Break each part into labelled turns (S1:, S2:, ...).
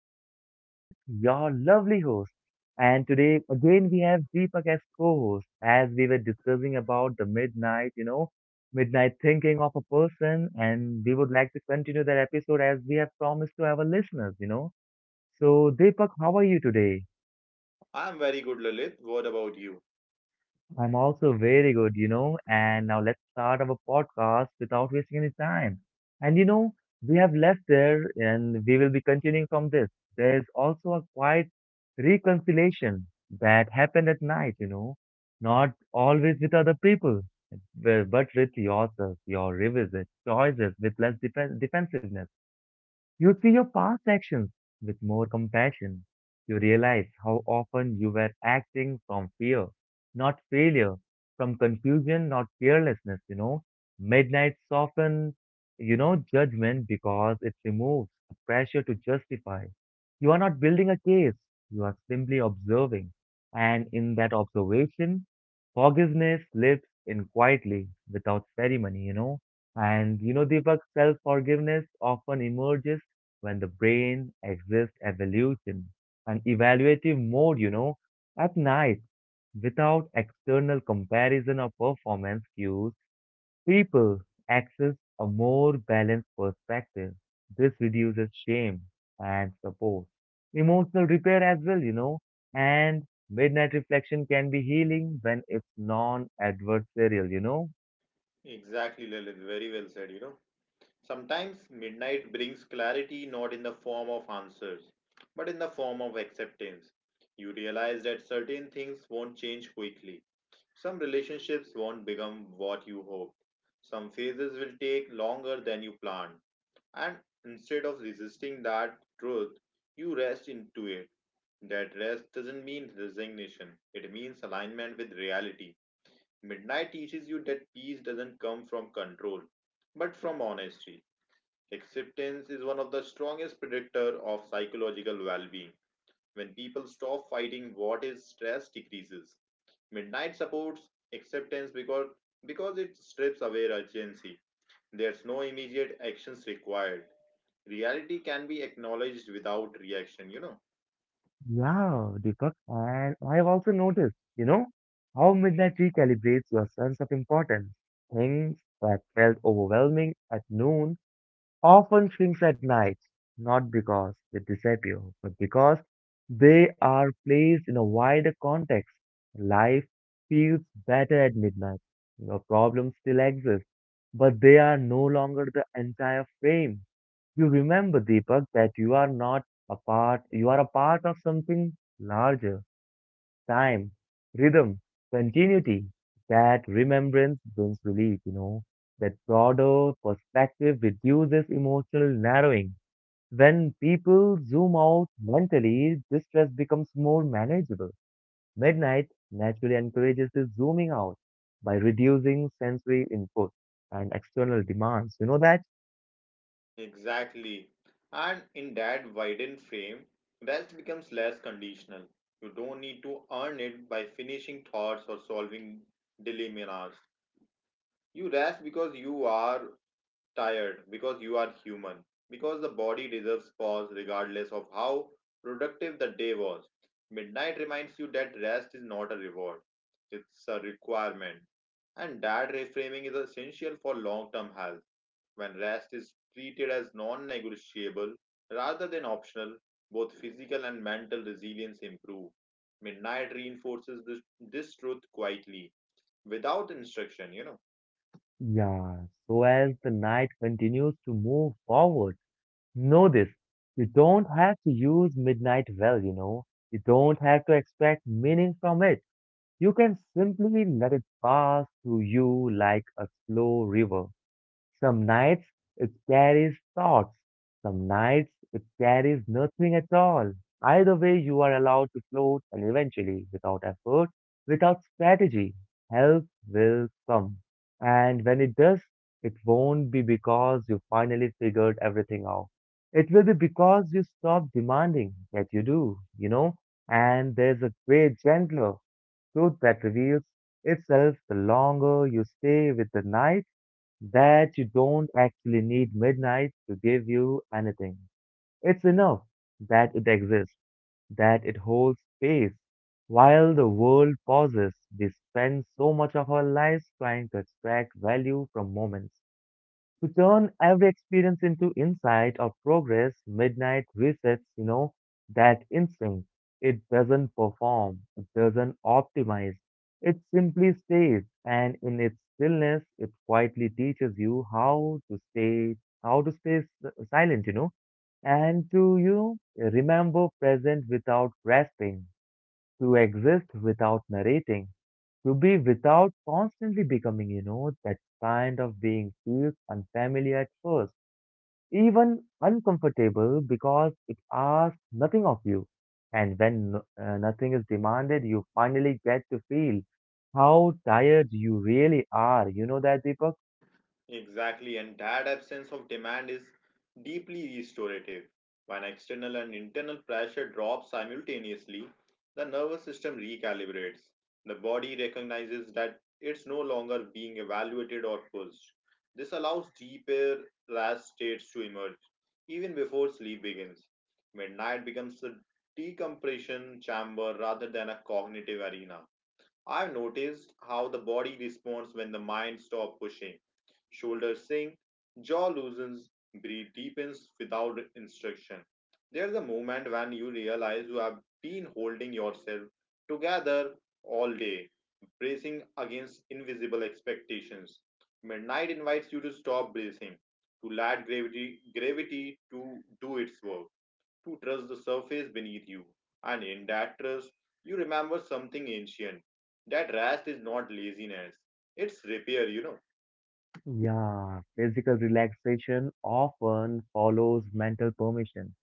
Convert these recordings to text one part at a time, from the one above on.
S1: My name is Lalit, your lovely host. And today, again, we have Deepak as co host as we were discussing about the midnight, midnight thinking of a person. And we would like to continue that episode as we have promised to our listeners. So, Deepak, how are you today?
S2: I'm very good, Lalit. What about you?
S1: I'm also very good. And now let's start our podcast without wasting any time. And we have left there and we will be continuing from this. There's also a quiet reconciliation that happened at night, not always with other people, but with yourself, your revisit, choices with less defensiveness. You see your past actions with more compassion. You realize how often you were acting from fear, not failure, from confusion, not carelessness. Midnight softens, judgment because it removes the pressure to justify. You are not building a case, you are simply observing. And in that observation, forgiveness lives in quietly without ceremony. And Deepak, self forgiveness often emerges when the brain exists evolution and evaluative mode, at night without external comparison or performance cues, people access a more balanced perspective. This reduces shame and support. Emotional repair as well, and midnight reflection can be healing when it's non adversarial.
S2: Exactly, Lalit. Very well said, Sometimes midnight brings clarity not in the form of answers, but in the form of acceptance. You realize that certain things won't change quickly. Some relationships won't become what you hoped. Some phases will take longer than you planned. And instead of resisting that truth, you rest into it. That rest doesn't mean resignation, it means alignment with reality. Midnight teaches you that peace doesn't come from control, but from honesty. Acceptance is one of the strongest predictor of psychological well-being. When people stop fighting what is, stress decreases. Midnight supports acceptance because it strips away urgency. There's no immediate actions required. Reality can be acknowledged without reaction,
S1: Yeah, Deepak, and I have also noticed, how midnight recalibrates your sense of importance. Things that felt overwhelming at noon often shrinks at night, not because they disappear, but because they are placed in a wider context. Life feels better at midnight. Your problems still exist, but they are no longer the entire frame. You remember, Deepak, that you are not a part, you are a part of something larger. Time, rhythm, continuity. That remembrance brings relief. That broader perspective reduces emotional narrowing. When people zoom out mentally, distress becomes more manageable. Midnight naturally encourages the zooming out by reducing sensory input and external demands. You know that?
S2: Exactly. And in that widened frame, rest becomes less conditional. You don't need to earn it by finishing thoughts or solving dilemmas. You rest because you are tired, because you are human, because the body deserves pause regardless of how productive the day was. Midnight reminds you that rest is not a reward, it's a requirement. And that reframing is essential for long term health when rest is treated as non negotiable rather than optional, both physical and mental resilience improve. Midnight reinforces this truth quietly, without instruction,
S1: Yeah, so as the night continues to move forward, know this. You don't have to use midnight well, you know. You don't have to expect meaning from it. You can simply let it pass through you like a slow river. Some nights it carries thoughts, some nights it carries nothing at all. Either way, you are allowed to float and eventually, without effort, without strategy, help will come. And when it does, it won't be because you finally figured everything out. It will be because you stop demanding that you do, you know? And there's a way gentler truth that reveals itself the longer you stay with the night that you don't actually need midnight to give you anything. It's enough that it exists, that it holds space. While the world pauses, we spend so much of our lives trying to extract value from moments to turn every experience into insight or progress, midnight resets, that instinct. It doesn't perform, it doesn't optimize, it simply stays, and in its stillness, it quietly teaches you how to stay silent, and to remember present without grasping, to exist without narrating to be without constantly becoming, that kind of being feels unfamiliar at first, even uncomfortable because it asks nothing of you. And when nothing is demanded, you finally get to feel how tired you really are. You know that, Deepak?
S2: Exactly, and that absence of demand is deeply restorative. When external and internal pressure drop simultaneously, the nervous system recalibrates. The body recognizes that it's no longer being evaluated or pushed. This allows deeper rest states to emerge even before sleep begins. Midnight becomes a decompression chamber rather than a cognitive arena. I've noticed how the body responds when the mind stops pushing. Shoulders sink, jaw loosens, breath deepens without instruction. There's a moment when you realize you have been holding yourself together all day, bracing against invisible expectations. Midnight invites you to stop bracing, to let gravity to do its work, to trust the surface beneath you. And in that trust, you remember something ancient. That rest is not laziness, it's repair,
S1: Yeah, physical relaxation often follows mental permission.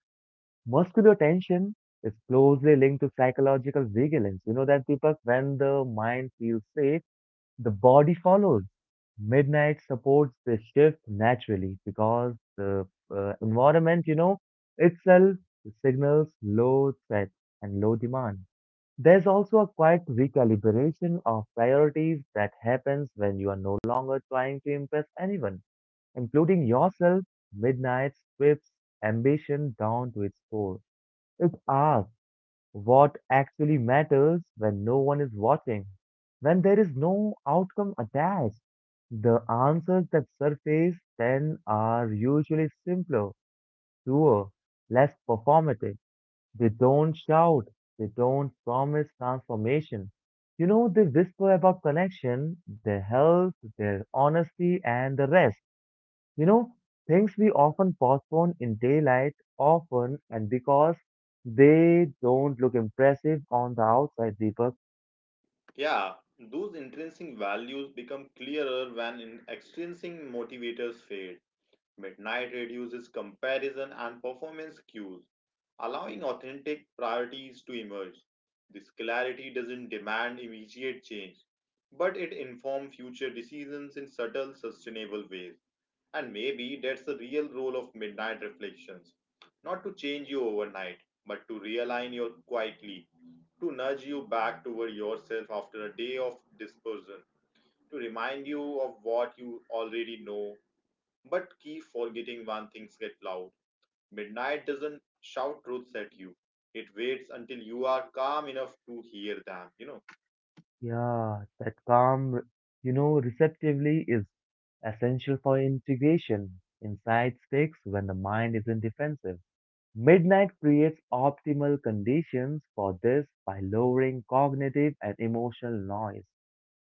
S1: Muscular tension is closely linked to psychological vigilance. You know that, Deepak? When the mind feels safe, the body follows. Midnight supports the shift naturally because the environment, itself signals low threat and low demand. There's also a quiet recalibration of priorities that happens when you are no longer trying to impress anyone, including yourself. Midnight strips ambition down to its core. It asks what actually matters when no one is watching, when there is no outcome attached. The answers that surface then are usually simpler, truer, less performative. They don't shout, they don't promise transformation. They whisper about connection, their health, their honesty, and the rest. You know, things we often postpone in daylight often and because they don't look impressive on the outside, Deepak.
S2: Yeah, those intrinsic values become clearer when in extrinsic motivators fade. Midnight reduces comparison and performance cues, allowing authentic priorities to emerge. This clarity doesn't demand immediate change, but it informs future decisions in subtle, sustainable ways. And maybe that's the real role of midnight reflections, not to change you overnight, but to realign you quietly, to nudge you back toward yourself after a day of dispersion, to remind you of what you already know, but keep forgetting when things get loud. Midnight doesn't shout truths at you, it waits until you are calm enough to hear them,
S1: Yeah, that calm, receptively is essential for integration. Insight sticks when the mind isn't defensive. Midnight creates optimal conditions for this by lowering cognitive and emotional noise.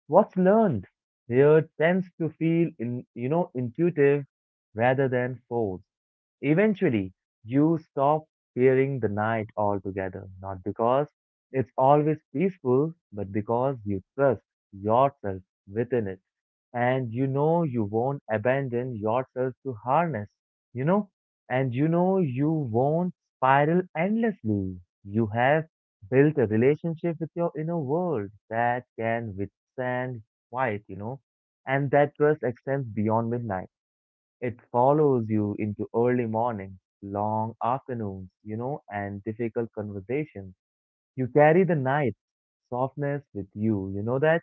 S1: What's learned here tends to feel intuitive rather than forced. Eventually, you stop fearing the night altogether, not because it's always peaceful, but because you trust yourself within it and you know you won't abandon yourself to harness, you know, and you know you won't spiral endlessly. You have built a relationship with your inner world that can withstand quiet, and that trust extends beyond midnight. It follows you into early mornings, long afternoons, and difficult conversations. You carry the night's softness with you, you know that?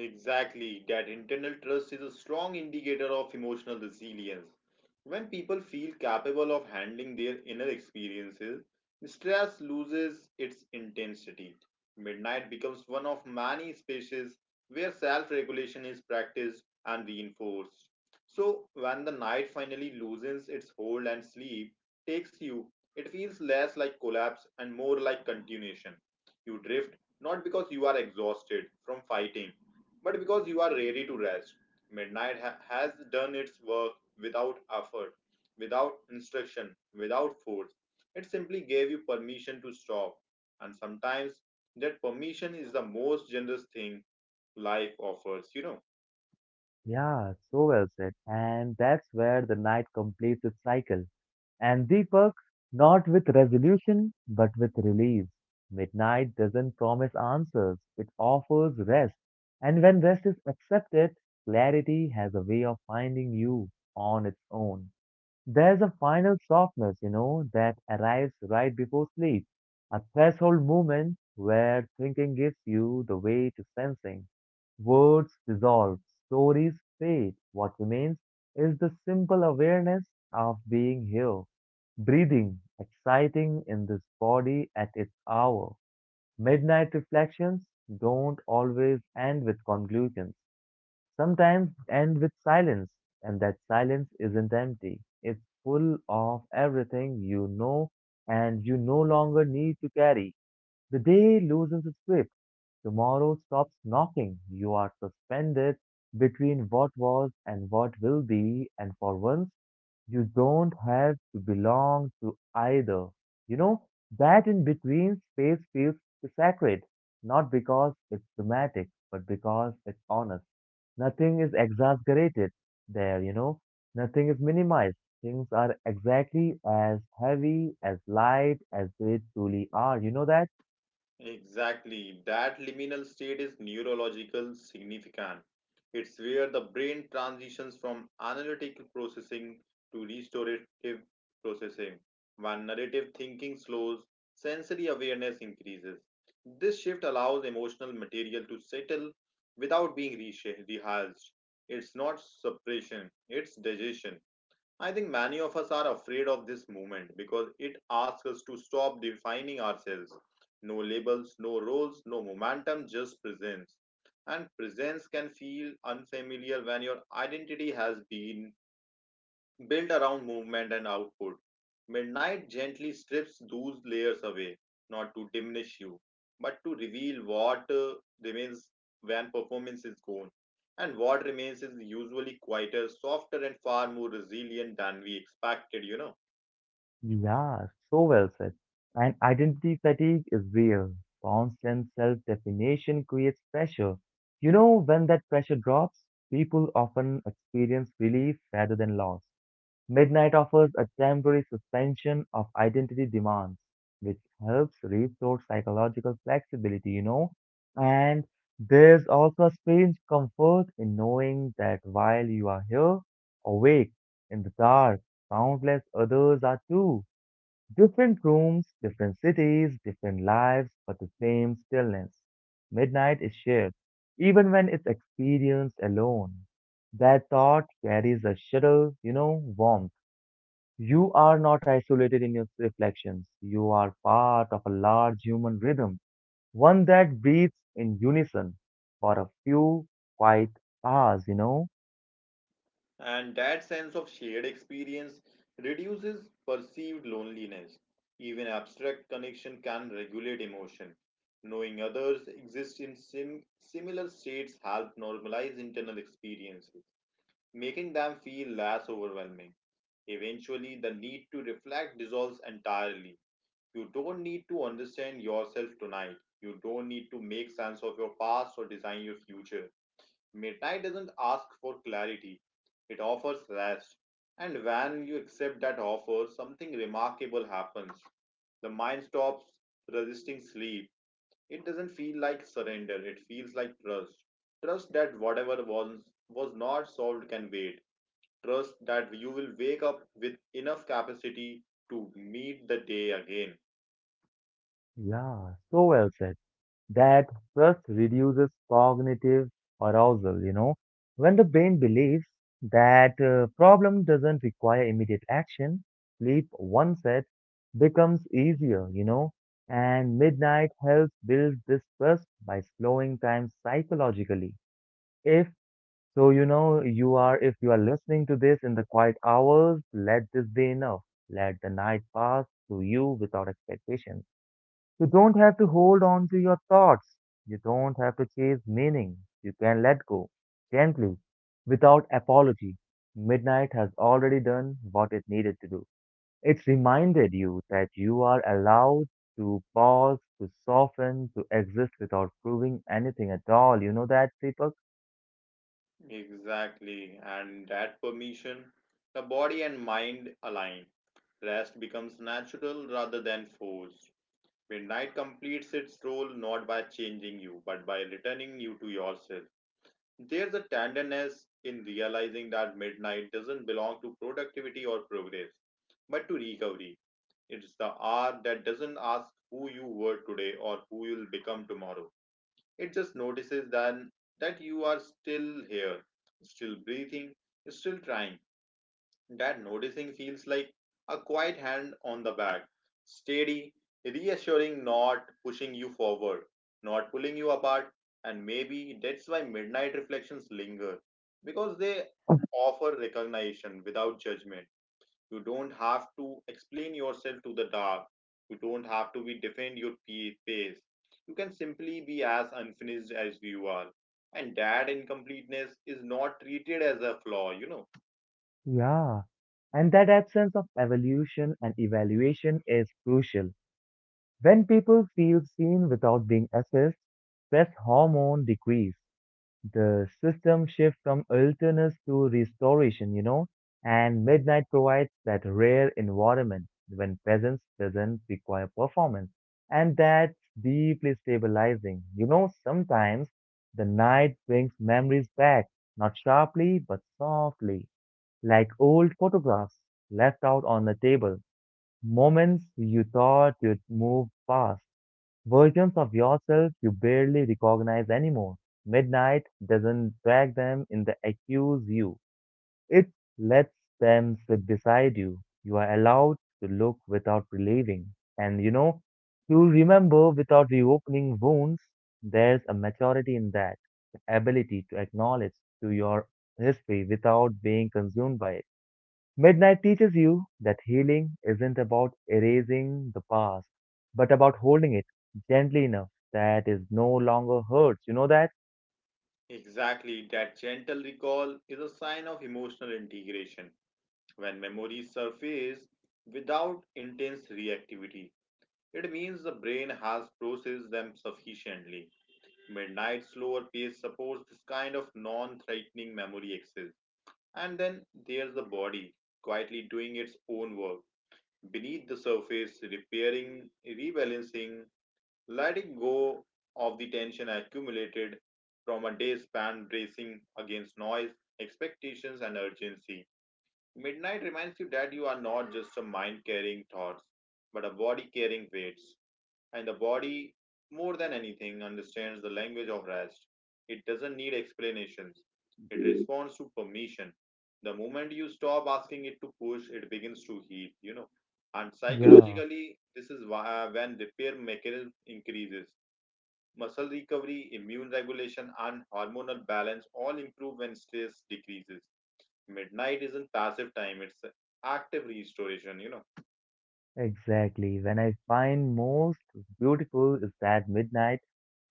S2: Exactly. That internal trust is a strong indicator of emotional resilience. When people feel capable of handling their inner experiences, stress loses its intensity. Midnight becomes one of many spaces where self regulation is practiced and reinforced. So, when the night finally loosens its hold and sleep takes you, it feels less like collapse and more like continuation. You drift not because you are exhausted from fighting, but because you are ready to rest. Midnight has done its work without effort, without instruction, without force. It simply gave you permission to stop, and sometimes that permission is the most generous thing life offers,
S1: Yeah, so well said. And that's where the night completes its cycle. And Deepak, not with resolution, but with release. Midnight doesn't promise answers, it offers rest. And when rest is accepted, clarity has a way of finding you on its own. There's a final softness, that arrives right before sleep, a threshold moment where thinking gives you the way to sensing. Words dissolve, stories fade. What remains is the simple awareness of being here, breathing, exciting in this body at its hour. Midnight reflections don't always end with conclusions sometimes end with silence, and that silence isn't empty. It's full of everything you know and you no longer need to carry. The day loosens its grip. Tomorrow stops knocking. You are suspended between what was and what will be, and for once, you don't have to belong to either. You know, that in between space feels sacred, not because it's dramatic, but because it's honest. Nothing is exaggerated there, nothing is minimized. Things are exactly as heavy, as light as they truly are. You know that?
S2: Exactly. That liminal state is neurological significant. It's where the brain transitions from analytical processing to restorative processing. When narrative thinking slows, sensory awareness increases. This shift allows emotional material to settle without being rehearsed. It's not suppression, it's digestion. I think many of us are afraid of this movement because it asks us to stop defining ourselves. No labels, no roles, no momentum, just presence. And presence can feel unfamiliar when your identity has been built around movement and output. Midnight gently strips those layers away, not to diminish you, but to reveal what remains when performance is gone. And what remains is usually quieter, softer, and far more resilient than we expected,
S1: Yeah, so well said. And identity fatigue is real. Constant self-definition creates pressure. When that pressure drops, people often experience relief rather than loss. Midnight offers a temporary suspension of identity demands, which helps restore psychological flexibility. And there's also a strange comfort in knowing that while you are here, awake, in the dark, countless others are too. Different rooms, different cities, different lives, but the same stillness. Midnight is shared, even when it's experienced alone. That thought carries a subtle, warmth you are not isolated in your reflections. You are part of a large human rhythm, one that breathes in unison for a few quiet hours, you know?
S2: And that sense of shared experience reduces perceived loneliness. Even abstract connection can regulate emotion. Knowing others exist in similar states help normalize internal experiences, making them feel less overwhelming. Eventually, the need to reflect dissolves entirely. You don't need to understand yourself tonight. You don't need to make sense of your past or design your future. Midnight doesn't ask for clarity, it offers rest. And when you accept that offer, something remarkable happens. The mind stops resisting sleep. It doesn't feel like surrender, it feels like trust. Trust that whatever was not solved can wait. Trust that you will wake up with enough capacity to meet the day again.
S1: Yeah, so well said. That stress reduces cognitive arousal. When the brain believes that problem doesn't require immediate action, sleep once set becomes easier. And midnight helps build this trust by slowing time psychologically. If so, if you are listening to this in the quiet hours, let this be enough. Let the night pass through you without expectations. You don't have to hold on to your thoughts. You don't have to chase meaning. You can let go gently without apology. Midnight has already done what it needed to do. It's reminded you that you are allowed to pause, to soften, to exist without proving anything at all. You know that, Deepak?
S2: Exactly, and that permission, the body and mind align. Rest becomes natural rather than forced. Midnight completes its role not by changing you, but by returning you to yourself. There's a tenderness in realizing that midnight doesn't belong to productivity or progress, but to recovery. It's the hour that doesn't ask who you were today or who you'll become tomorrow. It just notices then that you are still here, still breathing, still trying. That noticing feels like a quiet hand on the back, steady, reassuring, not pushing you forward, not pulling you apart. And maybe that's why midnight reflections linger, because they offer recognition without judgment. You don't have to explain yourself to the dark. You don't have to be defend your pace. You can simply be as unfinished as you are, and that incompleteness is not treated as a flaw,
S1: Yeah. And that absence of evolution and evaluation is crucial. When people feel seen without being assessed, stress hormone decrease. The system shifts from illness to restoration, and Midnight provides that rare environment when presence doesn't require performance. And that's deeply stabilizing. Sometimes the night brings memories back, not sharply, but softly, like old photographs left out on the table, moments you thought you'd moved past. Versions of yourself you barely recognize anymore. Midnight doesn't drag them in the accuse you. It lets them sit beside you. You are allowed to look without relieving. And to remember without reopening wounds, there's a maturity in that. The ability to acknowledge to your history without being consumed by it. Midnight teaches you that healing isn't about erasing the past, but about holding it gently enough that it no longer hurts. You know that?
S2: exactly. That gentle recall is a sign of emotional integration. When memories surface without intense reactivity, it means the brain has processed them sufficiently. Midnight's slower pace supports this kind of non-threatening memory access. And then there's the body, quietly doing its own work, beneath the surface, repairing, rebalancing, letting go of the tension accumulated from a day spent bracing against noise, expectations, and urgency. Midnight reminds you that you are not just a mind carrying thoughts, but a body carrying weights, and the body, more than anything, understands the language of rest. It doesn't need explanations, it responds to permission. The moment you stop asking it to push, it begins to heal, And
S1: Yeah,
S2: psychologically, this is why, when repair mechanism increases. Muscle recovery, immune regulation, and hormonal balance all improve when stress decreases. Midnight isn't passive time, it's active restoration,
S1: exactly. When I find most beautiful is that midnight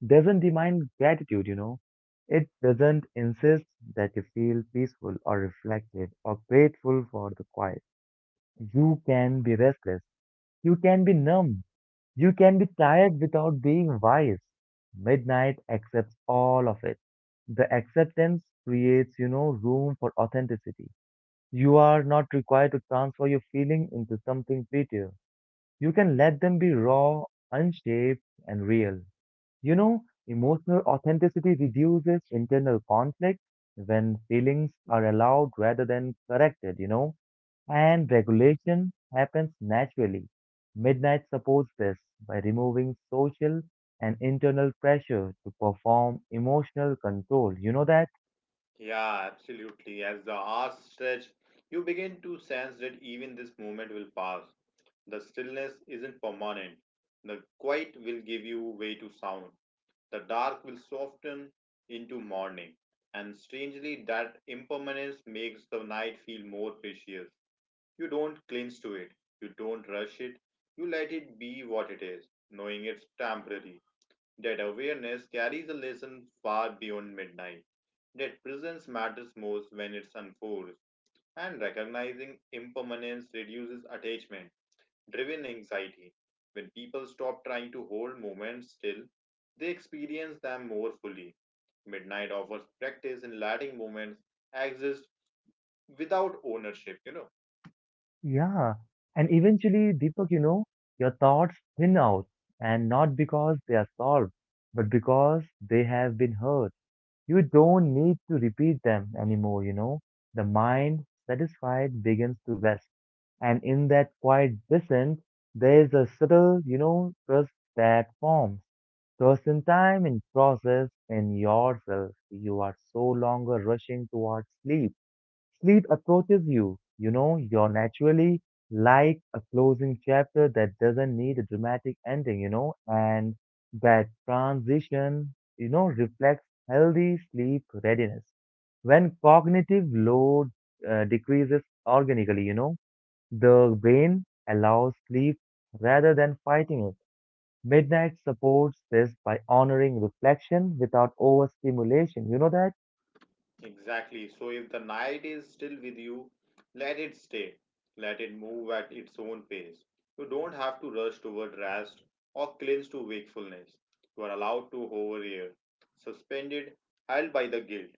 S1: doesn't demand gratitude. It doesn't insist that you feel peaceful or reflective or grateful for the quiet. You can be restless. You can be numb. You can be tired without being wise. Midnight accepts all of it. The acceptance creates, room for authenticity. You are not required to transfer your feeling into something prettier. You can let them be raw, unshaped, and real. Emotional authenticity reduces internal conflict when feelings are allowed rather than corrected, and regulation happens naturally. Midnight supports this by removing social and internal pressure to perform emotional control. You know that?
S2: Yeah, absolutely. As the hours stretch, you begin to sense that even this moment will pass. The stillness isn't permanent. The quiet will give you way to sound. The dark will soften into morning. And strangely, that impermanence makes the night feel more precious. You don't cling to it. You don't rush it. You let it be what it is, knowing it's temporary. That awareness carries a lesson far beyond midnight. That presence matters most when it's unfolds, and recognizing impermanence reduces attachment driven anxiety. When people stop trying to hold moments still, they experience them more fully. Midnight offers practice in letting moments exist without ownership,
S1: Yeah. And eventually, Deepak, your thoughts thin out, and not because they are solved, but because they have been heard. You don't need to repeat them anymore. The mind, satisfied, begins to rest. And in that quiet descent, there is a subtle trust that forms. Trust in time, in process, in yourself. You are so longer rushing towards sleep. Sleep approaches you, you're naturally, like a closing chapter that doesn't need a dramatic ending, and that transition, reflects healthy sleep readiness. When cognitive load decreases organically, the brain allows sleep rather than fighting it. Midnight supports this by honoring reflection without overstimulation. You know that?
S2: Exactly. So if the night is still with you, let it stay. Let it move at its own pace. You don't have to rush toward rest or clinch to wakefulness. You are allowed to hover here, suspended, held by the guilt.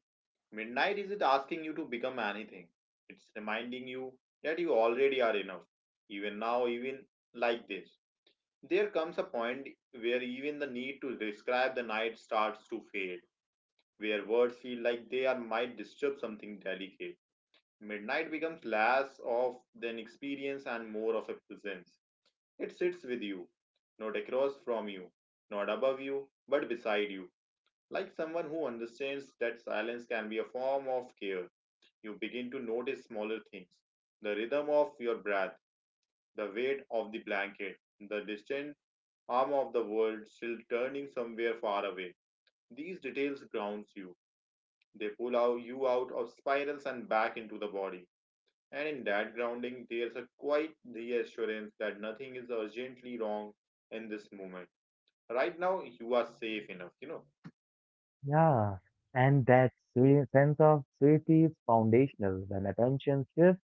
S2: Midnight isn't asking you to become anything. It's reminding you that you already are enough. Even now, even like this. There comes a point where even the need to describe the night starts to fade, where words feel like they are might disturb something delicate. Midnight becomes less of an experience and more of a presence. It sits with you, not across from you, not above you, but beside you. Like someone who understands that silence can be a form of care, you begin to notice smaller things: the rhythm of your breath, the weight of the blanket, the distant arm of the world still turning somewhere far away. These details grounds you. They pull out you out of spirals and back into the body. And in that grounding, there's a quiet reassurance that nothing is urgently wrong in this moment. Right now, you are safe enough,
S1: Yeah, and that sweet sense of safety is foundational. When attention shifts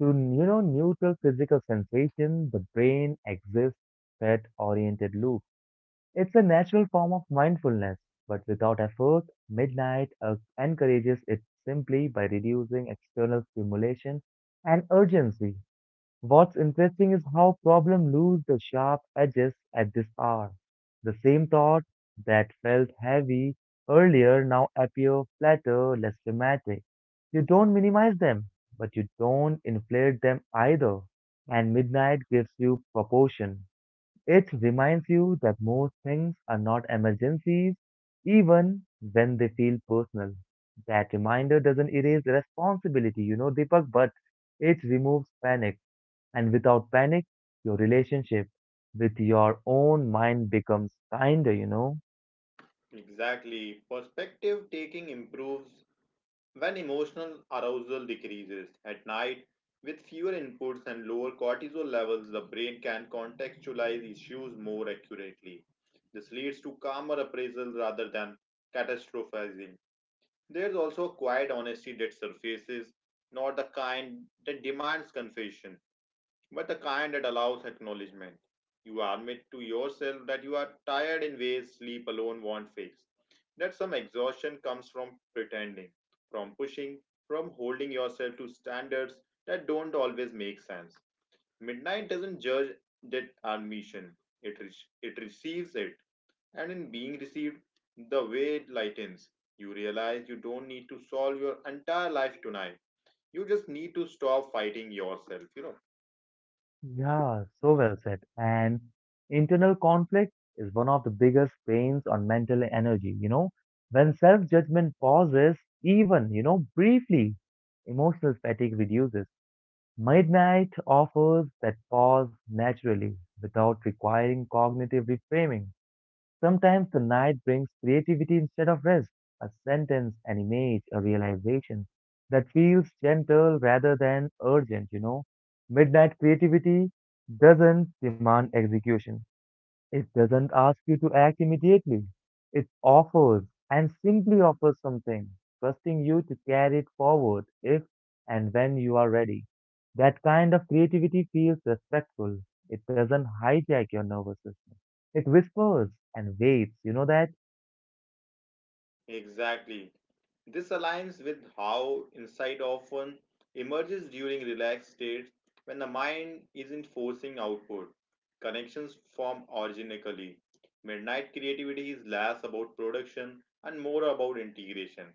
S1: to neutral physical sensation, the brain exists threat-oriented loop. It's a natural form of mindfulness, but without effort, midnight encourages it simply by reducing external stimulation and urgency. What's interesting is how problems lose the sharp edges at this hour. The same thought that felt heavy earlier now appear flatter, less dramatic. You don't minimize them, but you don't inflate them either. And midnight gives you proportion. It reminds you that most things are not emergencies, even when they feel personal. That reminder doesn't erase responsibility, Deepak, but it removes panic, and without panic, your relationship with your own mind becomes kinder, you know?
S2: Exactly. Perspective taking improves when emotional arousal decreases. At night, with fewer inputs and lower cortisol levels, the brain can contextualize issues more accurately. This leads to calmer appraisal rather than catastrophizing. There's also a quiet honesty that surfaces, not the kind that demands confession, but the kind that allows acknowledgement. You admit to yourself that you are tired in ways sleep alone won't fix, that some exhaustion comes from pretending, from pushing, from holding yourself to standards that don't always make sense. Midnight doesn't judge that admission, it, re- it receives it, and in being received, the way it lightens. You realize you don't need to solve your entire life tonight. You just need to stop fighting yourself,
S1: Yeah, so well said. And internal conflict is one of the biggest pains on mental energy, you know? When self judgment pauses, even, briefly, emotional fatigue reduces. Midnight offers that pause naturally without requiring cognitive reframing. Sometimes the night brings creativity instead of rest, a sentence, an image, a realization that feels gentle rather than urgent. Midnight creativity doesn't demand execution, it doesn't ask you to act immediately. It offers and simply offers something, trusting you to carry it forward if and when you are ready. That kind of creativity feels respectful. It doesn't hijack your nervous system. It whispers and waits. You know that?
S2: Exactly. This aligns with how insight often emerges during relaxed states when the mind isn't forcing output. Connections form organically. Midnight creativity is less about production and more about integration.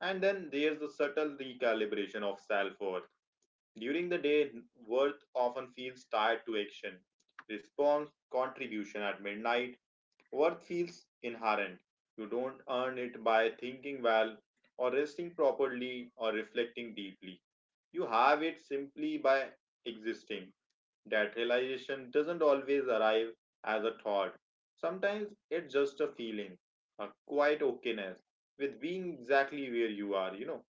S2: And then there's the subtle recalibration of self. During the day, worth often feels tied to action, response, contribution. At midnight, worth feels inherent. You don't earn it by thinking well, or resting properly, or reflecting deeply. You have it simply by existing. That realization doesn't always arrive as a thought. Sometimes it's just a feeling, a quiet okayness with being exactly where you are,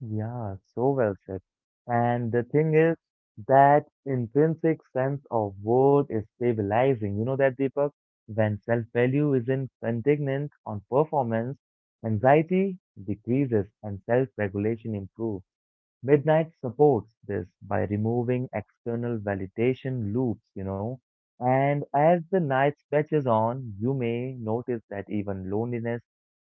S1: Yeah, so well said. And the thing is, that intrinsic sense of worth is stabilizing. You know that, Deepak? When self-value isn't contingent on performance, anxiety decreases and self-regulation improves. Midnight supports this by removing external validation loops. And as the night stretches on, you may notice that even loneliness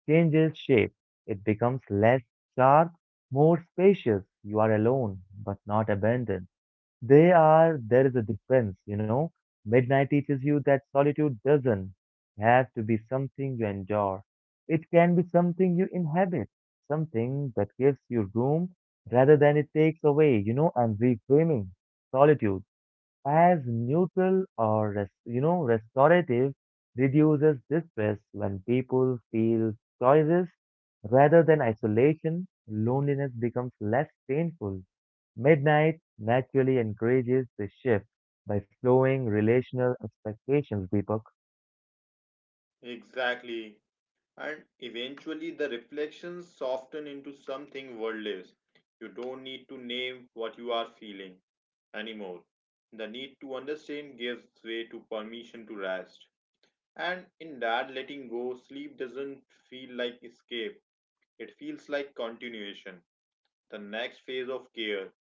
S1: changes shape. It becomes less sharp, more spacious. You are alone, but not abandoned. There is a difference, you know. Midnight teaches you that solitude doesn't have to be something you endure. It can be something you inhabit, something that gives you room rather than it takes away, and reframing solitude as neutral or restorative reduces distress. When people feel choices rather than isolation, loneliness becomes less painful. Midnight naturally encourages the shift by slowing relational expectations deeper.
S2: Exactly. And eventually, the reflections soften into something worldless. You don't need to name what you are feeling anymore. The need to understand gives way to permission to rest. And in that letting go, sleep doesn't feel like escape, it feels like continuation, the next phase of care.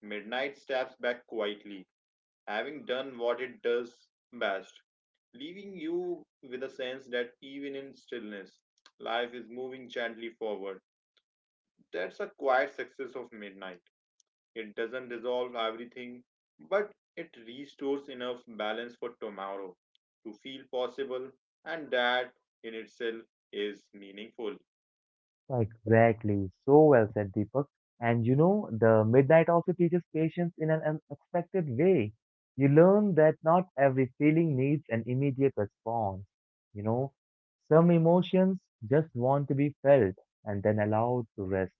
S2: Midnight steps back quietly, having done what it does best, leaving you with a sense that even in stillness, life is moving gently forward. That's a quiet success of midnight. It doesn't resolve everything, but it restores enough balance for tomorrow to feel possible, and that in itself is meaningful.
S1: Exactly. So well said, Deepak. And the midnight also teaches patience in an unexpected way. You learn that not every feeling needs an immediate response. You know, some emotions just want to be felt and then allowed to rest.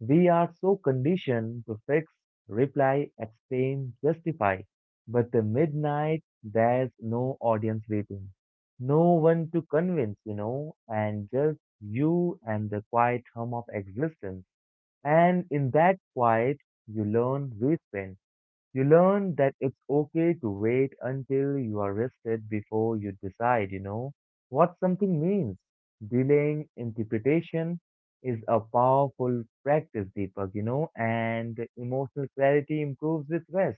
S1: We are so conditioned to fix, reply, explain, justify. But the midnight, there's no audience waiting, no one to convince, and just you and the quiet hum of existence. And in that quiet, you learn restraint. You learn that it's okay to wait until you are rested before you decide, what something means. Delaying interpretation is a powerful practice, Deepak, and emotional clarity improves with rest.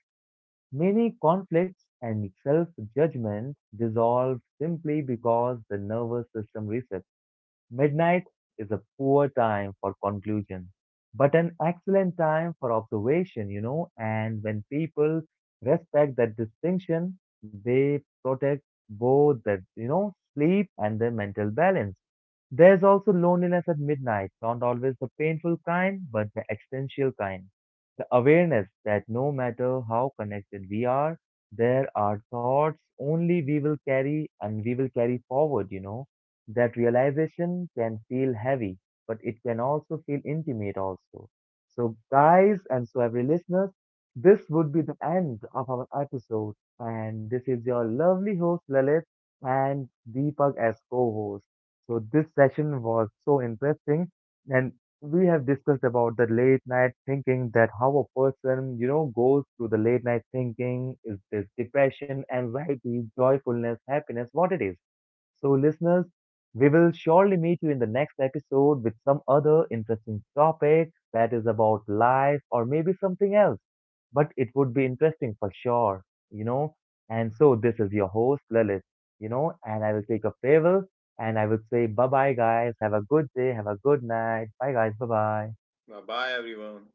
S1: Many conflicts and self judgment dissolve simply because the nervous system resets. Midnight is a poor time for conclusion, but an excellent time for observation. And when people respect that distinction, they protect both their sleep and their mental balance. There's also loneliness at midnight, not always the painful kind, but the existential kind. The awareness that no matter how connected we are, there are thoughts only we will carry and we will carry forward. That realization can feel heavy, but it can also feel intimate also. So guys, and so every listener, this would be the end of our episode. And this is your lovely host Lalit and Deepak as co-host. So this session was so interesting and we have discussed about the late night thinking, that how a person, goes through the late night thinking, is this depression, anxiety, joyfulness, happiness, what it is. So, listeners, we will surely meet you in the next episode with some other interesting topic that is about life or maybe something else. But it would be interesting for sure, you know. And so, this is your host, Lalit, and I will take a farewell and I will say bye bye, guys. Have a good day. Have a good night. Bye, guys. Bye bye.
S2: Bye bye, everyone.